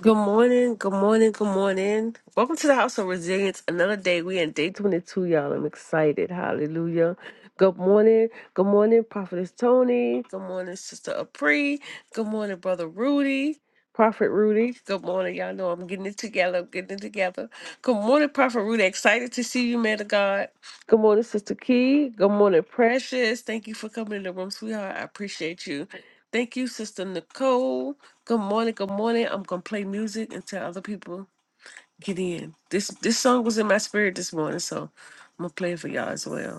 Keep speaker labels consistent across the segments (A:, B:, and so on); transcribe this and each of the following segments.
A: Good morning, good morning, good morning. Welcome to the House of Resilience. Another day. We in day 22, y'all. I'm excited. Hallelujah. Good morning. Good morning, Prophetess Tony. Good morning, Sister Apri. Good morning, Brother Rudy. Prophet Rudy. Good morning. Y'all know I'm getting it together. I'm getting it together. Good morning, Prophet Rudy. Excited to see you, man of God. Good morning, Sister Key. Good morning, Precious. Thank you for coming in the room, sweetheart. I appreciate you. Thank you, Sister Nicole. Good morning. Good morning. I'm gonna play music until other people get in. This this song was in my spirit this morning, so I'm gonna play it for y'all as well.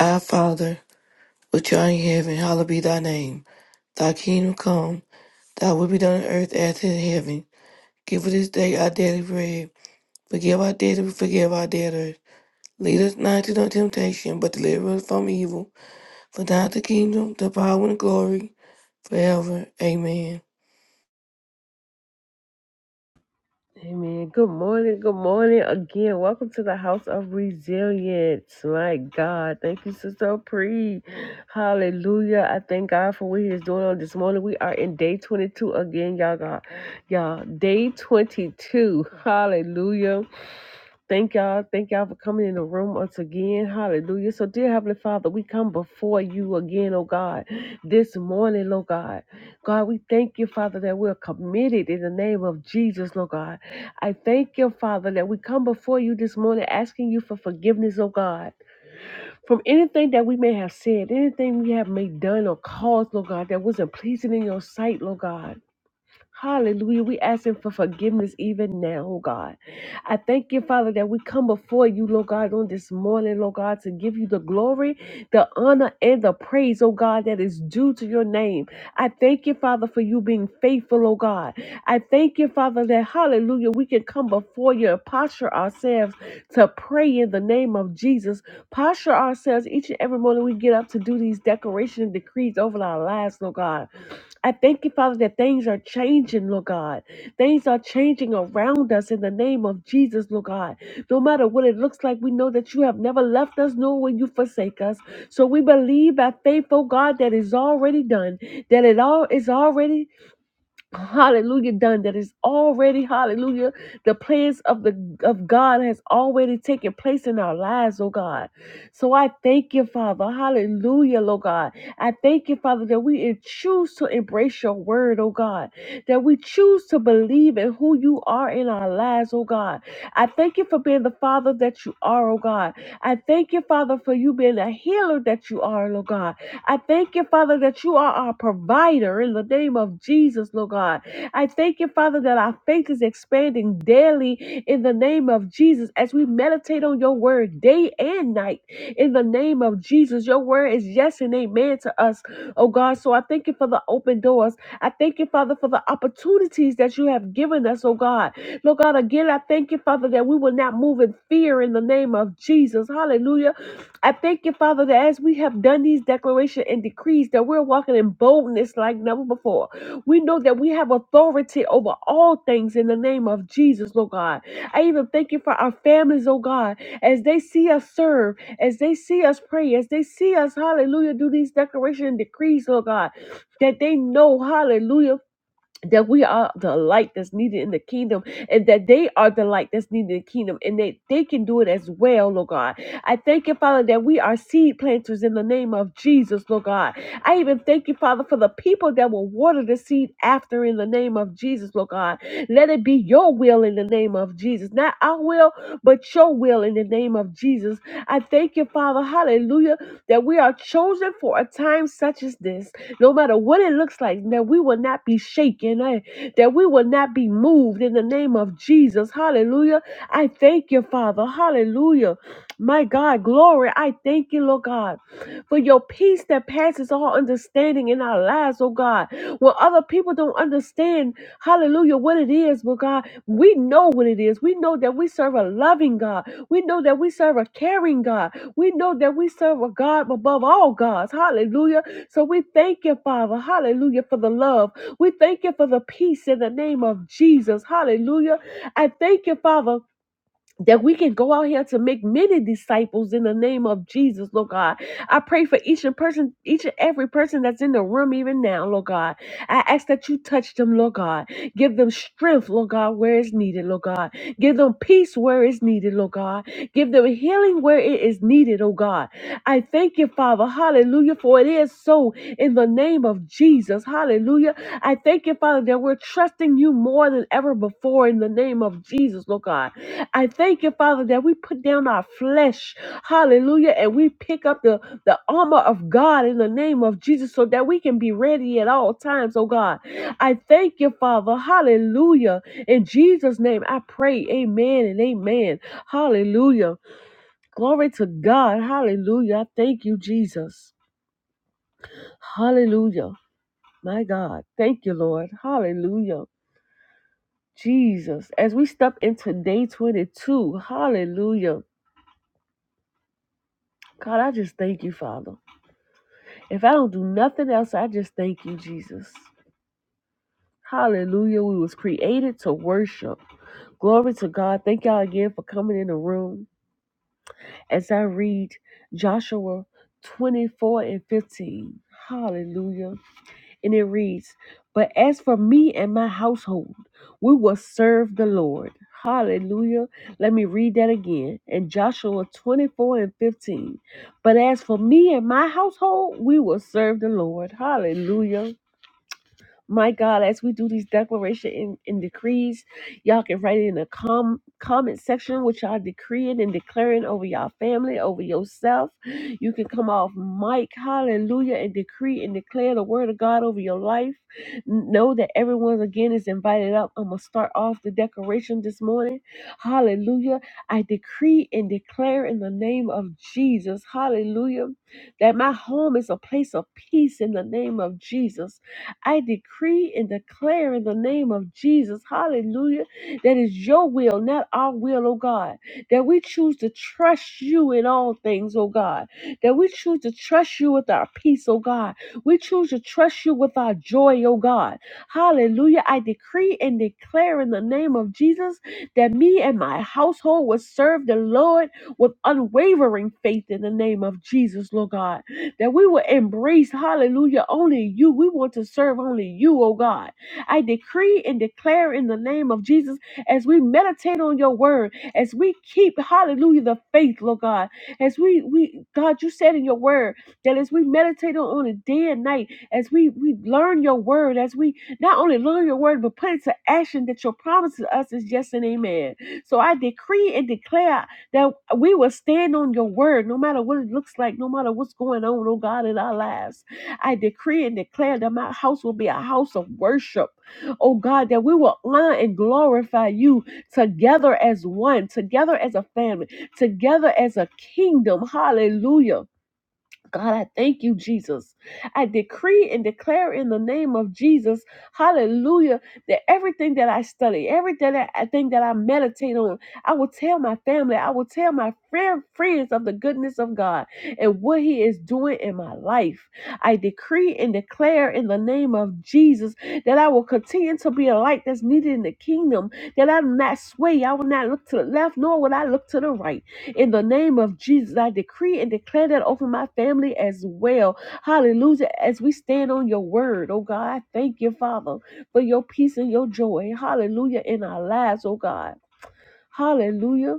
B: Our Father, which art in heaven, hallowed be thy name. Thy kingdom come, thy will be done on earth as in heaven. Give us this day our daily bread. Forgive our debts, as we forgive our debtors. Lead us not into no temptation, but deliver us from evil. For thine is the kingdom, the power, and the glory, forever. Amen.
A: Amen. Good morning. Good morning again. Welcome to the House of Resilience. My God. Thank you, Sister Pre. Hallelujah. I thank God for what He is doing on this morning. We are in day 22 again, y'all. God. Y'all, day 22. Hallelujah. Thank y'all. Thank y'all for coming in the room once again. Hallelujah. So, dear Heavenly Father, we come before you again, oh God, this morning, Lord God. God, we thank you, Father, that we're committed in the name of Jesus, Lord God. I thank you, Father, that we come before you this morning asking you for forgiveness, oh God, from anything that we may have said, anything we have may done or caused, Lord God, that wasn't pleasing in your sight, Lord God. Hallelujah. We asking for forgiveness even now, oh God. I thank you, Father, that we come before you, Lord God, on this morning, Lord God, to give you the glory, the honor, and the praise, oh God, that is due to your name. I thank you, Father, for you being faithful, oh God. I thank you, Father, that hallelujah, we can come before you and posture ourselves to pray in the name of Jesus. Posture ourselves each and every morning we get up to do these declarations and decrees over our lives, Lord God. I thank you, Father, that things are changing, Lord God. Things are changing around us in the name of Jesus, Lord God. No matter what it looks like, we know that you have never left us, nor will you forsake us. So we believe by faith, oh God, that it's already done, that it all is already hallelujah done that is already hallelujah the plans of the of god has already taken place in our lives oh god so i thank you father hallelujah lord god i thank you father that we en- choose to embrace your word oh god that we choose to believe in who you are in our lives oh god i thank you for being the father that you are oh god i thank you father for you being a healer that you are Lord god I thank you, Father, that you are our provider in the name of Jesus, Lord God. I thank you, Father, that our faith is expanding daily in the name of Jesus as we meditate on your word day and night in the name of Jesus. Your word is yes and amen to us, oh God. So I thank you for the open doors. I thank you, Father, for the opportunities that you have given us, oh God. Lord God, again, I thank you, Father, that we will not move in fear in the name of Jesus. Hallelujah I thank you, Father, that as we have done these declarations and decrees, that we're walking in boldness like never before. We know that we have authority over all things in the name of Jesus, Lord God. I even thank you for our families, oh God, as they see us serve, as they see us pray, as they see us, hallelujah, do these declarations and decrees, Lord God, that they know, hallelujah that we are the light that's needed in the kingdom and that they are the light that's needed in the kingdom and that they can do it as well, Lord God. I thank you, Father, that we are seed planters in the name of Jesus, Lord God. I even thank you, Father, for the people that will water the seed after in the name of Jesus, Lord God. Let it be your will in the name of Jesus. Not our will, but your will in the name of Jesus. I thank you, Father, hallelujah, that we are chosen for a time such as this no matter what it looks like, that we will not be shaken, eh, that we will not be moved in the name of Jesus. Hallelujah. I thank you, Father. Hallelujah. My God, glory. I thank you, Lord God, for your peace that passes all understanding in our lives, oh God. When other people don't understand, understand, hallelujah, what it is, but God, we know what it is. We know that we serve a loving God. We know that we serve a caring God. We know that we serve a God above all gods. Hallelujah. So we thank you, Father. Hallelujah for the love. We thank you for the peace in the name of Jesus. Hallelujah. I thank you, Father that we can go out here to make many disciples in the name of Jesus, Lord God. I pray for each and person, each and every person that's in the room even now, Lord God. I ask that you touch them, Lord God. Give them strength, Lord God, where it's needed, Lord God. Give them peace where it's needed, Lord God. Give them healing where it is needed, oh God. I thank you, Father. Hallelujah, for it is so in the name of Jesus. Hallelujah. I thank you, Father, that we're trusting you more than ever before in the name of Jesus, Lord God. I thank you, Father, that we put down our flesh. Hallelujah. And we pick up the, the armor of God in the name of Jesus so that we can be ready at all times, oh God. I thank you, Father. Hallelujah. In Jesus' name, I pray. Amen and amen. Hallelujah. Glory to God. Hallelujah. I thank you, Jesus. Hallelujah. My God. Thank you, Lord. Hallelujah. Jesus. As we step into day 22, hallelujah. God, I just thank you, Father. If I don't do nothing else, I just thank you, Jesus. Hallelujah. We was created to worship. Glory to God. Thank y'all again for coming in the room as I read Joshua 24 and 15. Hallelujah. And it reads, But as for me and my household, we will serve the Lord. Hallelujah. Let me read that again. In Joshua 24 and 15. But as for me and my household, we will serve the Lord. Hallelujah. My God, as we do these declaration and, and decrees, y'all can write it in the com- comment section what y'all decreeing and declaring over y'all family, over yourself. You can come off mic, hallelujah, and decree and declare the word of God over your life. N- Know that everyone again is invited up. I'm gonna start off the declaration this morning. Hallelujah. I decree and declare in the name of Jesus, hallelujah, that my home is a place of peace in the name of Jesus. I decree and declare in the name of Jesus, hallelujah, that is your will, not our will, oh God, that we choose to trust you in all things, oh God, that we choose to trust you with our peace, oh God, we choose to trust you with our joy, oh God, hallelujah. I decree and declare in the name of Jesus that me and my household will serve the Lord with unwavering faith in the name of Jesus, Lord God that we will embrace, hallelujah, only you. We want to serve only you, oh God. I decree and declare in the name of Jesus as we meditate on your word, as we keep, hallelujah, the faith, Lord God. As we, we God, you said in your word that as we meditate on it day and night, as we, we learn your word, as we not only learn your word, but put it to action that your promise to us is yes and amen. So I decree and declare that we will stand on your word no matter what it looks like, no matter what's going on, oh God, in our lives. I decree and declare that my house will be a house of worship, oh God, that we will honor and glorify you together as one, together as a family, together as a kingdom. Hallelujah. God, I thank you, Jesus. I decree and declare in the name of Jesus, hallelujah, that everything that I study, everything that I think that I meditate on, I will tell my family, I will tell my friend, friends of the goodness of God and what He is doing in my life. I decree and declare in the name of Jesus that I will continue to be a light that's needed in the kingdom, that I will not sway, I will not look to the left, nor will I look to the right in the name of Jesus, I decree and declare that over my family as well. Hallelujah. As we stand on your word, oh God, I thank you, Father, for your peace and your joy. Hallelujah. In our lives, oh God. Hallelujah.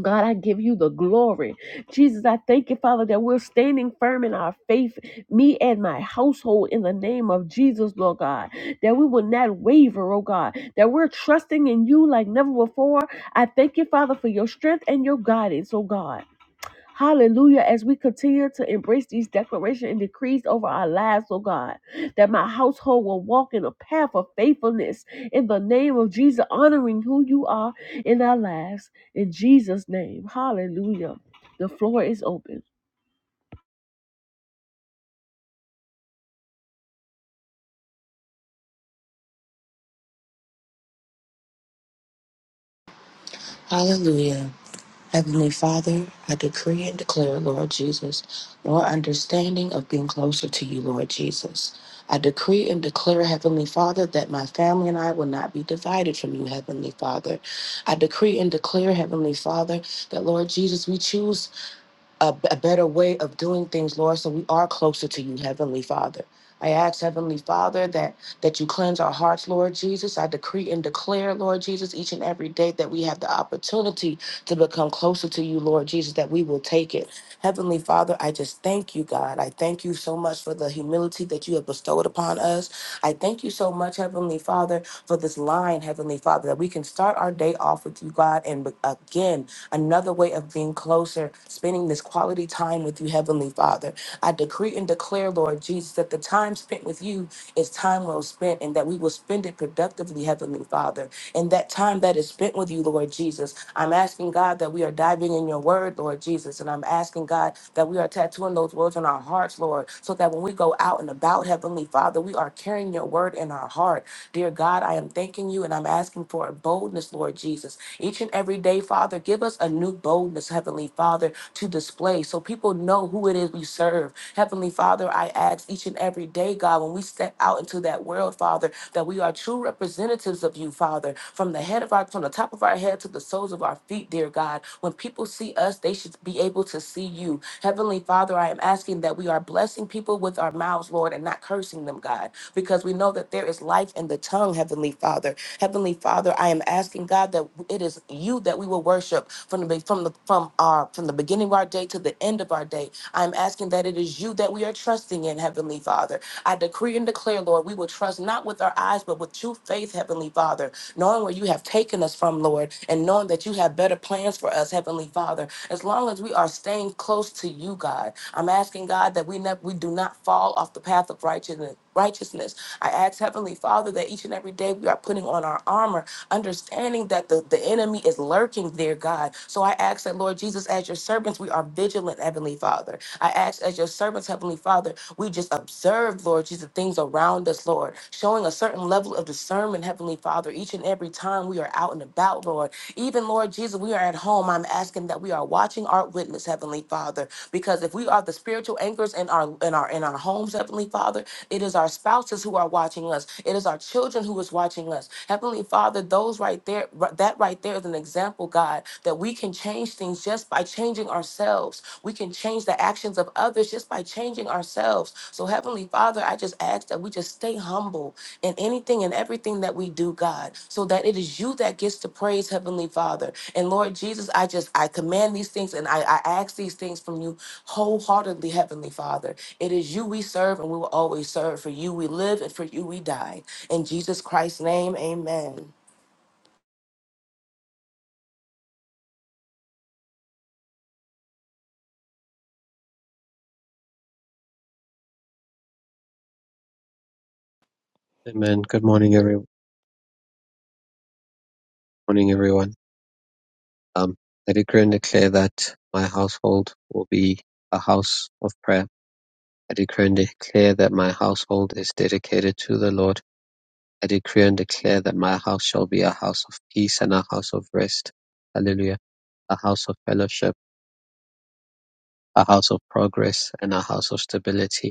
A: God, I give you the glory. Jesus, I thank you, Father, that we're standing firm in our faith, me and my household, in the name of Jesus, Lord God, that we will not waver, oh God, that we're trusting in you like never before. I thank you, Father, for your strength and your guidance, oh God. Hallelujah. As we continue to embrace these declarations and decrees over our lives, oh God, that my household will walk in a path of faithfulness in the name of Jesus, honoring who you are in our lives. In Jesus' name. Hallelujah. The floor is open.
C: Hallelujah. Heavenly Father, I decree and declare, Lord Jesus, more understanding of being closer to you, Lord Jesus. I decree and declare, Heavenly Father, that my family and I will not be divided from you, Heavenly Father. I decree and declare, Heavenly Father, that, Lord Jesus, we choose a, a better way of doing things, Lord, so we are closer to you, Heavenly Father. I ask, Heavenly Father, that that you cleanse our hearts, Lord Jesus. I decree and declare, Lord Jesus, each and every day that we have the opportunity to become closer to you, Lord Jesus, that we will take it. Heavenly Father, I just thank you, God. I thank you so much for the humility that you have bestowed upon us. I thank you so much, Heavenly Father, for this line, Heavenly Father, that we can start our day off with you, God, and be- again another way of being closer, spending this quality time with you, Heavenly Father. I decree and declare, Lord Jesus, that the time spent with you is time well spent and that we will spend it productively, Heavenly Father. And that time that is spent with you, Lord Jesus, I'm asking God that we are diving in your word, Lord Jesus. And I'm asking God that we are tattooing those words on our hearts, Lord, so that when we go out and about, Heavenly Father, we are carrying your word in our heart. Dear God, I am thanking you and I'm asking for a boldness, Lord Jesus, each and every day, Father, give us a new boldness, Heavenly Father, to display so people know who it is we serve. Heavenly Father, I ask each and every day, God, when we step out into that world, Father, that we are true representatives of you, Father, from the head of our, from the top of our head to the soles of our feet, dear God. When people see us, they should be able to see you. Heavenly Father, I am asking that we are blessing people with our mouths, Lord, and not cursing them, God, because we know that there is life in the tongue, Heavenly Father. Heavenly Father, I am asking God that it is you that we will worship from the from the from our from the beginning of our day to the end of our day. I am asking that it is you that we are trusting trusting in, Heavenly Father. I decree and declare, Lord, we will trust not with our eyes, but with true faith, Heavenly Father, knowing where you have taken us from, Lord, and knowing that you have better plans for us, Heavenly Father. As long as we are staying close to you, God, I'm asking God that we never we do not fall off the path of righteousness. Righteousness. I ask Heavenly Father that each and every day we are putting on our armor, understanding that the, the enemy is lurking there, God. So I ask that, Lord Jesus, as your servant, servants, we are vigilant, Heavenly Father. I ask as your servants, Heavenly Father, we just observe, Lord Jesus, the things around us, Lord, showing a certain level of discernment, Heavenly Father, each and every time we are out and about, Lord. Even, Lord Jesus, we are at home. I'm asking that we are watching our witness, Heavenly Father, because if we are the spiritual anchors in our in our in our homes, Heavenly Father, it is our spouses who are watching us. It is our children who is watching us. Heavenly Father, those right there, that that right there is an example, God, that we can change things just by changing ourselves. We can change the actions of others just by changing ourselves. So, Heavenly Father, I just ask that we just stay humble in anything and everything that we do, God, so that it is you that gets to praise, Heavenly Father. And Lord Jesus, I just I command these things and I, I ask these things from you wholeheartedly, Heavenly Father. It is you we serve and we will always serve. For you we live and for you we die. In Jesus Christ's name, amen.
D: Amen. Good morning, every morning, everyone. Um, I decree and declare that my household will be a house of prayer. I decree and declare that my household is dedicated to the Lord. I decree and declare that my house shall be a house of peace and a house of rest. Hallelujah. A house of fellowship, a house of progress, and a house of stability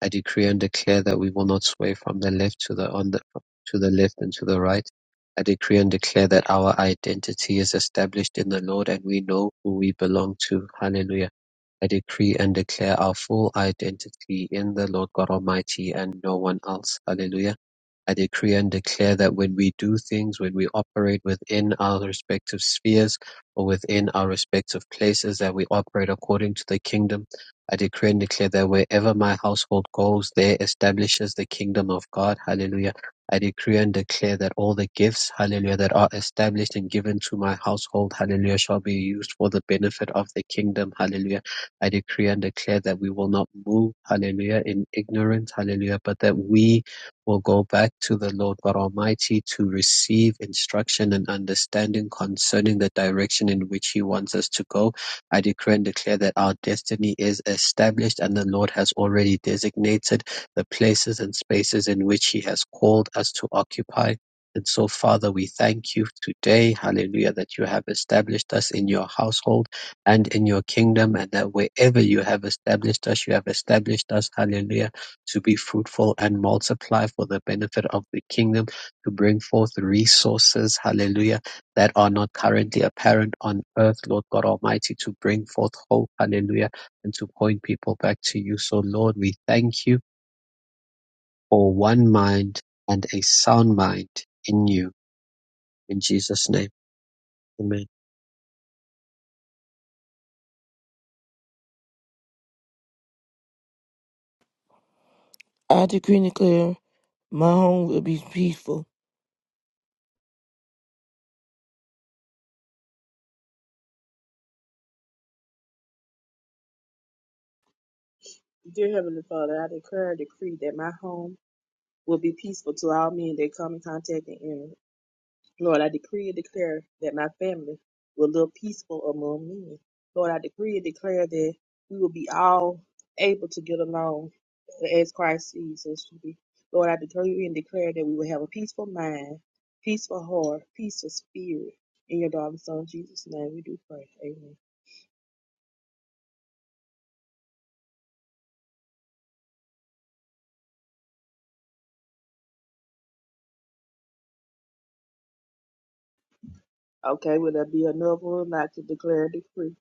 D: I decree and declare that we will not sway from the left to the on the to the left and to the right. I decree and declare that our identity is established in the Lord and we know who we belong to. Hallelujah. I decree and declare our full identity in the Lord God Almighty and no one else. Hallelujah. I decree and declare that when we do things, when we operate within our respective spheres or within our respective places, that we operate according to the kingdom. I decree and declare that wherever my household goes, there establishes the kingdom of God. Hallelujah. I decree and declare that all the gifts, hallelujah, that are established and given to my household, hallelujah, shall be used for the benefit of the kingdom. Hallelujah. I decree and declare that we will not move, hallelujah, in ignorance, hallelujah, but that we will go back to the Lord God Almighty to receive instruction and understanding concerning the direction in which He wants us to go. I decree and declare that our destiny is established and the Lord has already designated the places and spaces in which He has called us to occupy. And so, Father, we thank you today, hallelujah, that you have established us in your household and in your kingdom, and that wherever you have established us, you have established us, hallelujah to be fruitful and multiply for the benefit of the kingdom, to bring forth resources, hallelujah, that are not currently apparent on earth, Lord God Almighty, to bring forth hope, hallelujah, and to point people back to you. So, Lord, we thank you for one mind and a sound mind in you. In Jesus' name, amen.
B: I decree and declare, my home will be peaceful.
E: Dear Heavenly Father, I declare and decree that my home will be peaceful to all men that come in contact and enter. Lord, I decree and declare that my family will live peaceful among men. Lord, I decree and declare that we will be all able to get along as Christ sees us to be. Lord, I decree and declare that we will have a peaceful mind, peaceful heart, peaceful spirit. In your darling son Jesus' name we do pray. Amen. Okay, will there be another one like to declare and decree?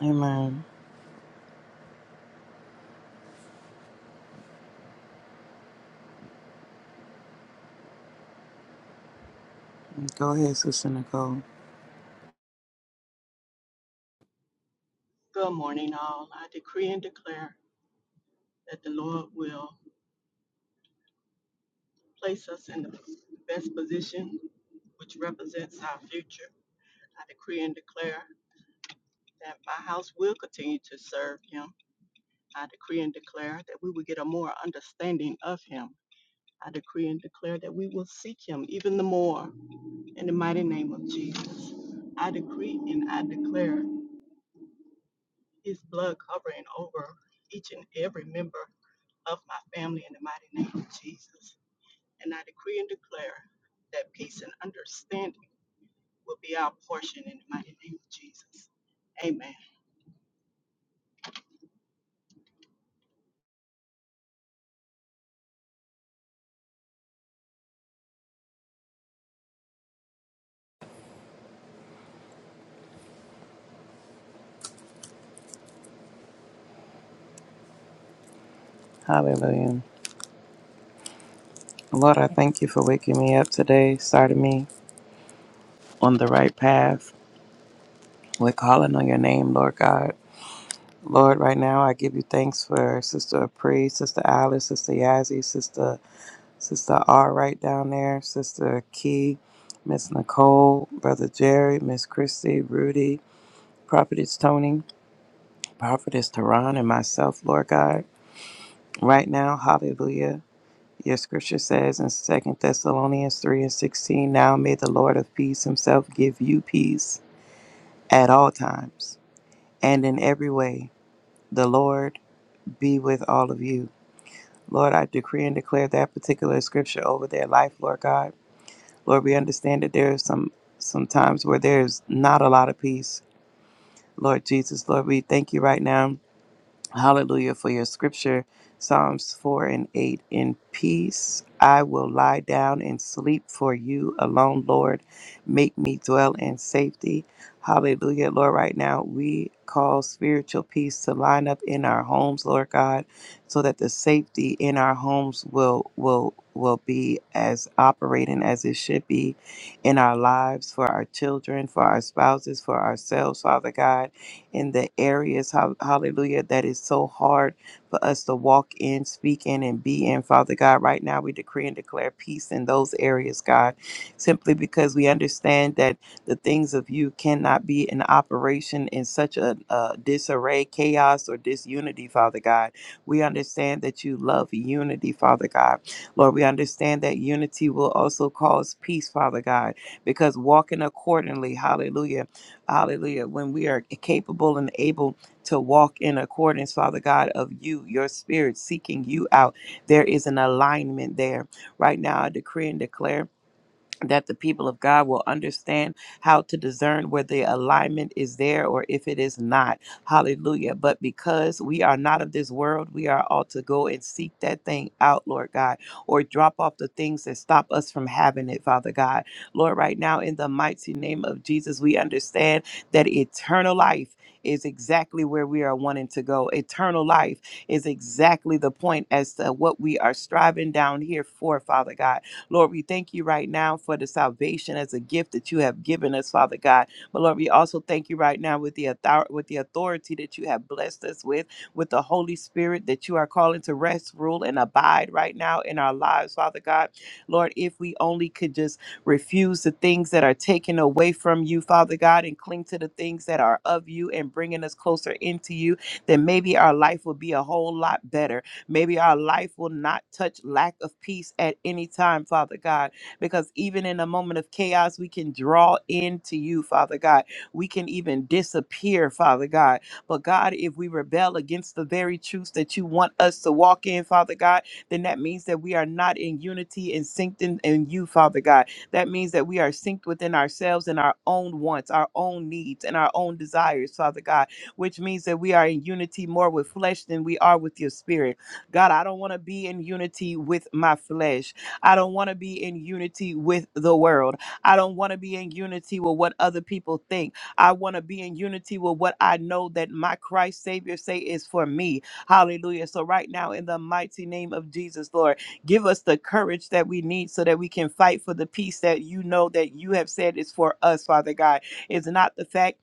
F: Amen. Go ahead, Sister Nicole.
G: Good morning, all. I decree and declare that the Lord will place us in the best position which represents our future. I decree and declare that my house will continue to serve him. I decree and declare that we will get a more understanding of him. I decree and declare that we will seek him even the more in the mighty name of Jesus. I decree and I declare his blood covering over each and every member of my family in the mighty name of Jesus. And I decree and declare that peace and understanding will be our portion in the mighty name of Jesus. Amen.
F: Hallelujah. Lord, I thank you for waking me up today, starting me on the right path. We're calling on your name, Lord God. Lord, right now I give you thanks for Sister Pre, Sister Alice, Sister Yazzie, Sister Sister R right down there, Sister Key, Miss Nicole, Brother Jerry, Miss Christy, Rudy, Prophetess Tony, Prophetess Tehran, and myself, Lord God. Right now, hallelujah. Your scripture says in Second Thessalonians 3 and 16, Now may the Lord of peace himself give you peace at all times and in every way. The Lord be with all of you. Lord, I decree and declare that particular scripture over their life, Lord God. Lord, we understand that there is some some times where there's not a lot of peace. Lord Jesus, Lord, we thank you right now Hallelujah for your scripture, Psalms 4 and 8. In peace I will lie down and sleep for you alone, Lord. Make me dwell in safety. Hallelujah, Lord. Right now, we call spiritual peace to line up in our homes, Lord God, so that the safety in our homes will will will be as operating as it should be in our lives, for our children, for our spouses, for ourselves, Father God in the areas, hal- hallelujah, that is so hard for us to walk in, speak in, and be in. Father God, right now we decree and declare peace in those areas, God, simply because we understand that the things of you cannot be in operation in such a, uh disarray, chaos, or disunity, Father God. We understand that you love unity, Father God. Lord, we understand that unity will also cause peace, Father God, because walking accordingly, hallelujah Hallelujah. When we are capable and able to walk in accordance, Father God, of you, your spirit seeking you out, there is an alignment there. Right now, I decree and declare that the people of God will understand how to discern where the alignment is there or if it is not. Hallelujah. But because we are not of this world, we are all to go and seek that thing out, Lord God, or drop off the things that stop us from having it, Father God. Lord, right now, in the mighty name of Jesus, we understand that eternal life. Is exactly where we are wanting to go. Eternal life is exactly the point as to what we are striving down here for, Father God. Lord, we thank you right now for the salvation as a gift that you have given us, Father God. But Lord, we also thank you right now with the author- with the authority that you have blessed us with, with the Holy Spirit that you are calling to rest, rule, and abide right now in our lives, Father God. Lord, if we only could just refuse the things that are taken away from you, Father God, and cling to the things that are of you and bringing us closer into you, then maybe our life will be a whole lot better. Maybe our life will not touch lack of peace at any time, Father God, because even in a moment of chaos, we can draw into you, Father God. We can even disappear, Father God. But God, if we rebel against the very truths that you want us to walk in, Father God, then that means that we are not in unity and synced in, in you, Father God. That means that we are synced within ourselves and our own wants, our own needs, and our own desires, Father God, which means that we are in unity more with flesh than we are with your spirit. God, I don't want to be in unity with my flesh. I don't want to be in unity with the world. I don't want to be in unity with what other people think. I want to be in unity with what I know that my Christ Savior say is for me. Hallelujah. So right now in the mighty name of Jesus, Lord, give us the courage that we need so that we can fight for the peace that you know that you have said is for us, Father God. It's not the fact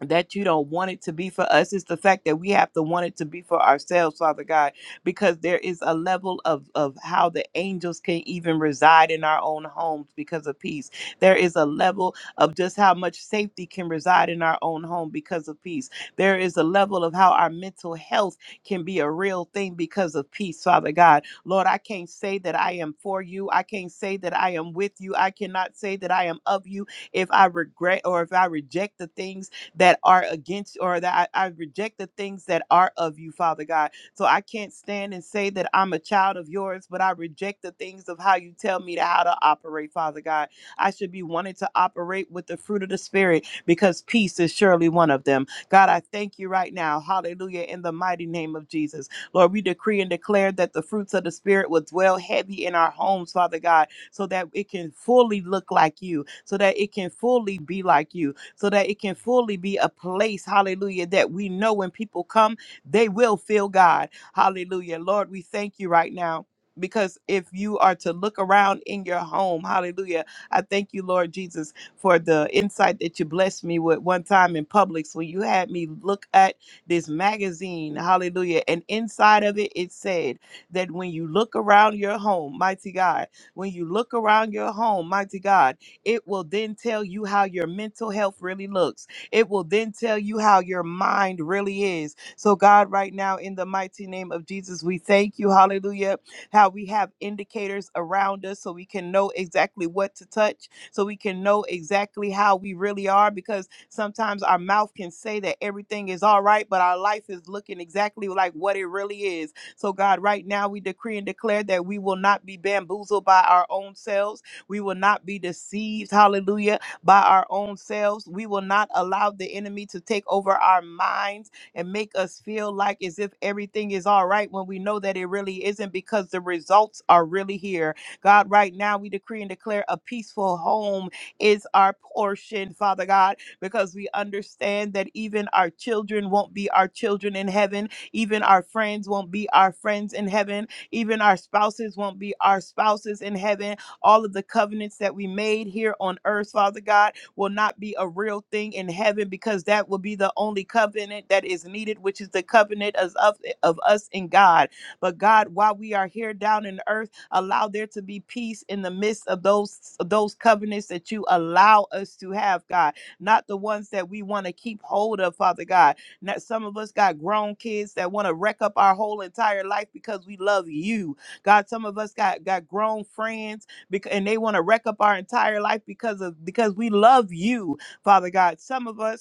F: that you don't want it to be for us. It's the fact that we have to want it to be for ourselves, Father God, because there is a level of, of how the angels can even reside in our own homes because of peace. There is a level of just how much safety can reside in our own home because of peace. There is a level of how our mental health can be a real thing because of peace, Father God. Lord, I can't say that I am for you. I can't say that I am with you. I cannot say that I am of you if I regret or if I reject the things that are against or that I, I reject the things that are of you, Father God. So I can't stand and say that I'm a child of yours, but I reject the things of how you tell me to how to operate, Father God. I should be wanting to operate with the fruit of the Spirit because peace is surely one of them. God, I thank you right now. Hallelujah. In the mighty name of Jesus. Lord, we decree and declare that the fruits of the Spirit will dwell heavy in our homes, Father God, so that it can fully look like you, so that it can fully be like you, so that it can fully be a place, hallelujah, that we know when people come, they will feel God. Hallelujah. Lord, we thank you right now. Because if you are to look around in your home, hallelujah, I thank you, Lord Jesus, for the insight that you blessed me with one time in Publix when you had me look at this magazine, hallelujah. And inside of it, it said that when you look around your home, mighty God, when you look around your home, mighty God, it will then tell you how your mental health really looks. It will then tell you how your mind really is. So, God, right now, in the mighty name of Jesus, we thank you, hallelujah, how we have indicators around us so we can know exactly what to touch, so we can know exactly how we really are, because sometimes our mouth can say that everything is all right, but our life is looking exactly like what it really is. So, God, right now, we decree and declare that we will not be bamboozled by our own selves we will not be deceived, hallelujah, by our own selves. We will not allow the enemy to take over our minds and make us feel like as if everything is all right when we know that it really isn't because the results are really here. God, right now we decree and declare a peaceful home is our portion, Father God, because we understand that even our children won't be our children in heaven, even our friends won't be our friends in heaven, even our spouses won't be our spouses in heaven all of the covenants that we made here on earth, Father God, will not be a real thing in heaven because that will be the only covenant that is needed, which is the covenant as of, of us in God. But God, while we are here down in earth, allow there to be peace in the midst of those those covenants that you allow us to have, God. Not the ones that we want to keep hold of, Father God. Not some of us got grown kids that want to wreck up our whole entire life because we love you. God, some of us got got grown friends because and they want to wreck up our entire life because of because we love you, Father God. Some of us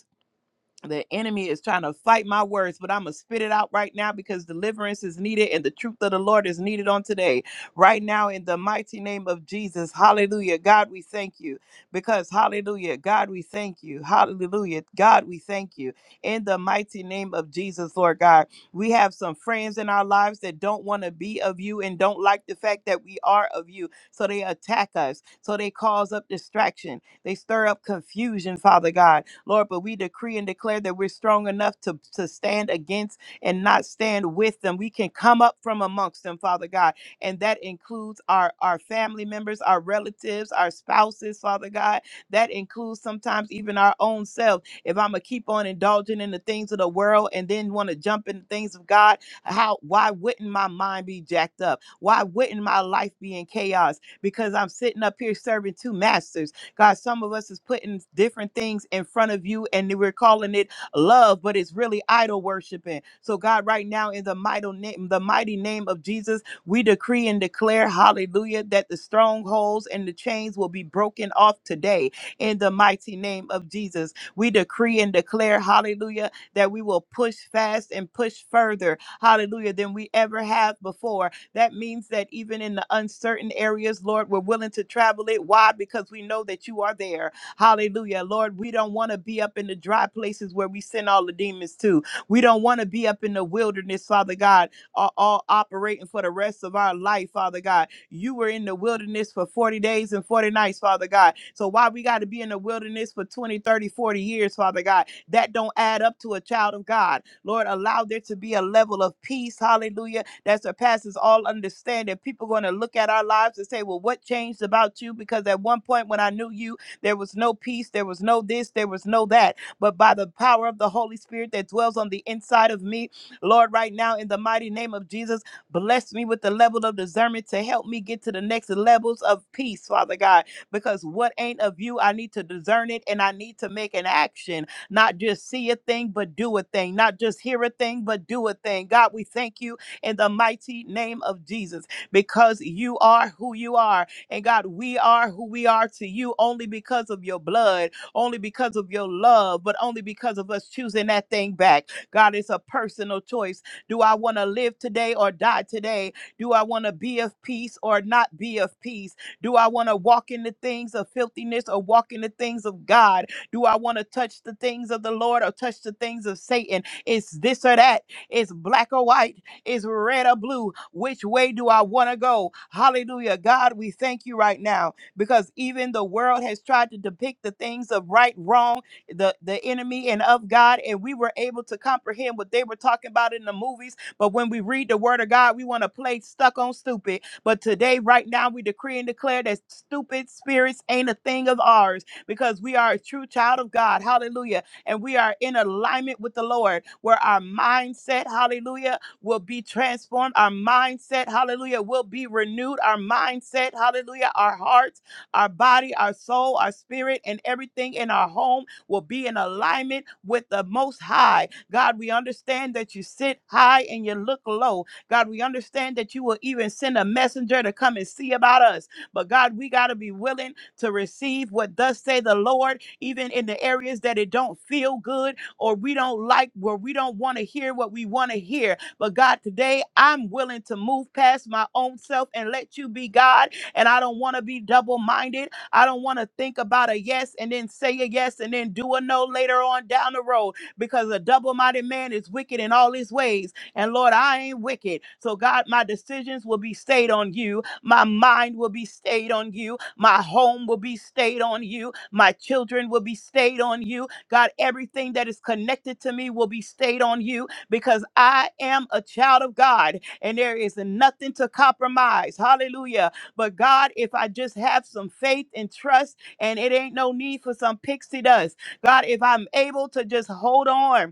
F: the enemy is trying to fight my words, but I'm gonna spit it out right now because deliverance is needed and the truth of the Lord is needed on today. Right now, in the mighty name of Jesus, hallelujah. God, we thank you because hallelujah. God, we thank you. Hallelujah. God, we thank you. In the mighty name of Jesus, Lord God, we have some friends in our lives that don't want to be of you and don't like the fact that we are of you. So they attack us, so they cause up distraction. They stir up confusion, Father God. Lord, but we decree and declare that we're strong enough to, to stand against and not stand with them. We can come up from amongst them, Father God. And that includes our, our family members, our relatives, our spouses, Father God. That includes sometimes even our own self. If I'm gonna keep on indulging in the things of the world and then want to jump in the things of God, how why wouldn't my mind be jacked up? Why wouldn't my life be in chaos? Because I'm sitting up here serving two masters. God, some of us is putting different things in front of you and we're calling it love, but it's really idol worshiping. So, God, right now in the mighty name, the mighty name of Jesus, we decree and declare, hallelujah, that the strongholds and the chains will be broken off today in the mighty name of Jesus. We decree and declare, hallelujah, that we will push fast and push further, hallelujah, than we ever have before that means that even in the uncertain areas, Lord, we're willing to travel it. Why? Because we know that you are there. Hallelujah. Lord, we don't want to be up in the dry places where we send all the demons to. We don't want to be up in the wilderness, Father God, all, all operating for the rest of our life, Father God. You were in the wilderness for 40 days and 40 nights, Father God. So why we got to be in the wilderness for 20, 30, forty years, Father God? That don't add up to a child of God. Lord, allow there to be a level of peace, hallelujah, that surpasses all understanding. People going to look at our lives and say, Well, what changed about you? Because at one point when I knew you, there was no peace, there was no this, there was no that. But by the power of the Holy Spirit that dwells on the inside of me, Lord, right now, in the mighty name of Jesus, bless me with the level of discernment to help me get to the next levels of peace, Father God. Because what ain't of you, I need to discern it and I need to make an action not just see a thing, but do a thing, not just hear a thing, but do a thing. God, we thank you in the mighty name of Jesus because you are who you are. And God, we are who we are to you only because of your blood, only because of your love, but only because of us choosing that thing back. God, it's a personal choice. Do I want to live today or die today? Do I want to be of peace or not be of peace? Do I want to walk in the things of filthiness or walk in the things of God? Do I want to touch the things of the Lord or touch the things of Satan? It's this or that. It's black or white is red or blue. Which way do I want to go? Hallelujah. God, we thank you right now because even the world has tried to depict the things of right, wrong, the, the enemy, and of God. And we were able to comprehend what they were talking about in the movies. But when we read the word of God, we want to play stuck on stupid. But today, right now, we decree and declare that stupid spirits ain't a thing of ours because we are a true child of God. Hallelujah. And we are in alignment with the Lord where our mindset, hallelujah, will be transformed. Our mindset, hallelujah, will be renewed. Our mindset, hallelujah, our hearts, our body, our soul, our spirit, and everything in our home will be in alignment with the Most High. God, we understand that you sit high and you look low. God, we understand that you will even send a messenger to come and see about us. But God, we got to be willing to receive what thus say the Lord, even in the areas that it don't feel good or we don't like, where we don't want to hear what we want to hear but God, today I'm willing to move past my own self and let you be God. And I don't want to be double minded. I don't want to think about a yes and then say a yes and then do a no later on down the road because a double minded man is wicked in all his ways. And Lord, I ain't wicked. So, God, my decisions will be stayed on you. My mind will be stayed on you. My home will be stayed on you. My children will be stayed on you. God, everything that is connected to me will be stayed on you because I am a child of God and there is nothing to compromise. Hallelujah. But God, if I just have some faith and trust, and it ain't no need for some pixie dust, God, if I'm able to just hold on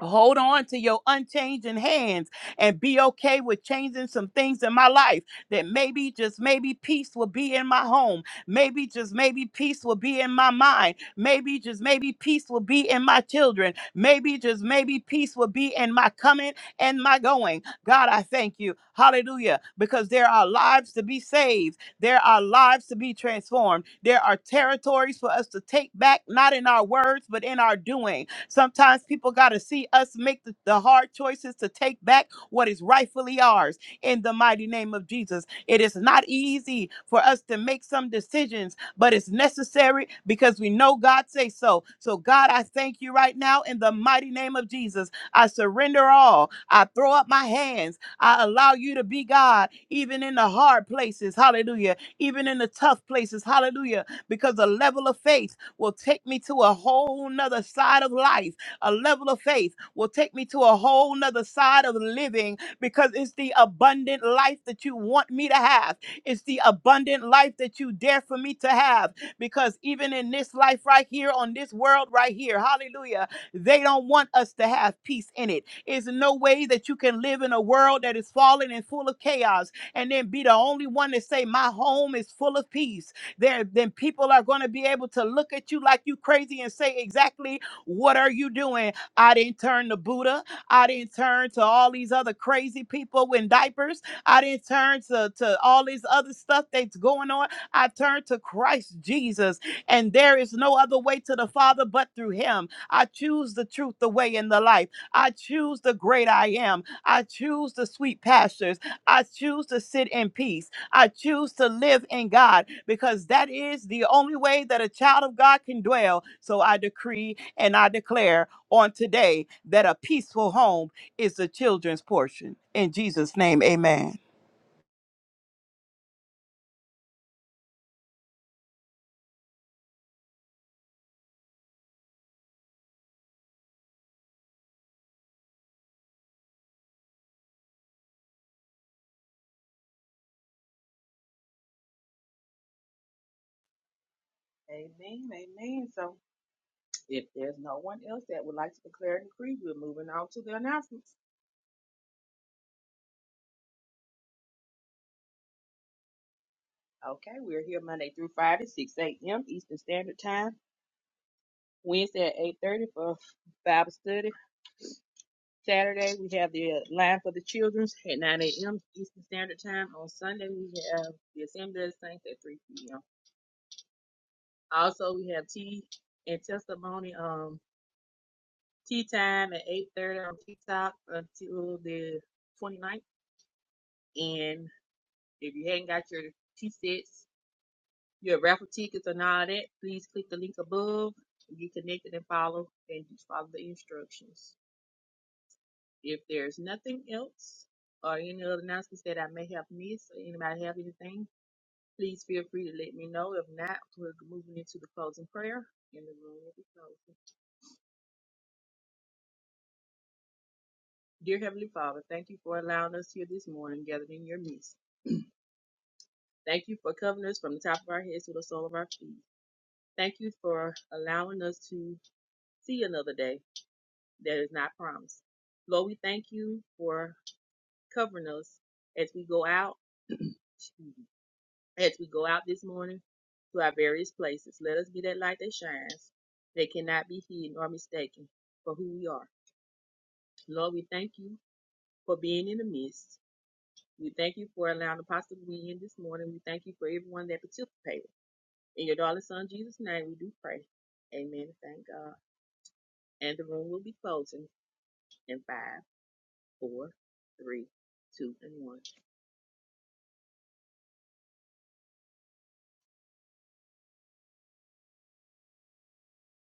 F: Hold on to your unchanging hands and be okay with changing some things in my life that maybe, just maybe, peace will be in my home. Maybe, just maybe, peace will be in my mind. Maybe, just maybe, peace will be in my children. Maybe, just maybe, peace will be in my coming and my going. God, I thank you. Hallelujah. Because there are lives to be saved, there are lives to be transformed, there are territories for us to take back, not in our words, but in our doing. Sometimes people got to see us make the, the hard choices to take back what is rightfully ours in the mighty name of Jesus. It is not easy for us to make some decisions, but it's necessary because we know God say so. So God, I thank you right now in the mighty name of Jesus. I surrender all. I throw up my hands. I allow you to be God even in the hard places. Hallelujah. Even in the tough places. Hallelujah. Because the level of faith will take me to a whole nother side of life. A level of faith will take me to a whole nother side of living because it's the abundant life that you want me to have. It's the abundant life that you dare for me to have. Because even in this life right here, on this world right here, hallelujah, they don't want us to have peace in it. It's no way that you can live in a world that is fallen and full of chaos and then be the only one to say, My home is full of peace there then people are going to be able to look at you like you crazy and say exactly what are you doing i didn't turn to buddha i didn't turn to all these other crazy people in diapers i didn't turn to, to all this other stuff that's going on i turned to christ jesus and there is no other way to the father but through him i choose the truth the way and the life i choose the great i am i choose the sweet pastures i choose to sit in peace I choose to live in God because that is the only way that a child of God can dwell. So I decree and I declare on today that a peaceful home is the children's portion. In Jesus' name, amen.
E: Amen. Amen. So If there's no one else that would like to declare a decree, we're moving on to the announcements. Okay, we're here Monday through Friday, 6 a.m. Eastern Standard Time. Wednesday at 8.30 for Bible study. Saturday, we have the line for the children's at 9 a.m. Eastern Standard Time. On Sunday, we have the Assembly of the Saints at 3 p.m. Also, we have tea and testimony, um, tea time at 8.30 on TikTok until the twenty ninth. And if you hadn't got your tea sets, your raffle tickets and all that, please click the link above and get connected and follow and just follow the instructions. If there's nothing else or any other announcements that I may have missed or anybody have anything, please feel free to let me know. If not, we're moving into the closing prayer and the room will be closing. Dear Heavenly Father, thank you for allowing us here this morning gathered in your midst. Thank you for covering us from the top of our heads to the sole of our feet. Thank you for allowing us to see another day. that is not promised. Lord, we thank you for covering us as we go out, as we go out this morning to our various places. Let us be that light that shines, that cannot be hidden or mistaken for who we are. Lord, we thank you for being in the midst. We thank you for allowing the Apostle to be in this morning. We thank you for everyone that participated. In your darling son Jesus' name, we do pray. Amen. Thank God. And the room will be closing in five, four, three, two, and one.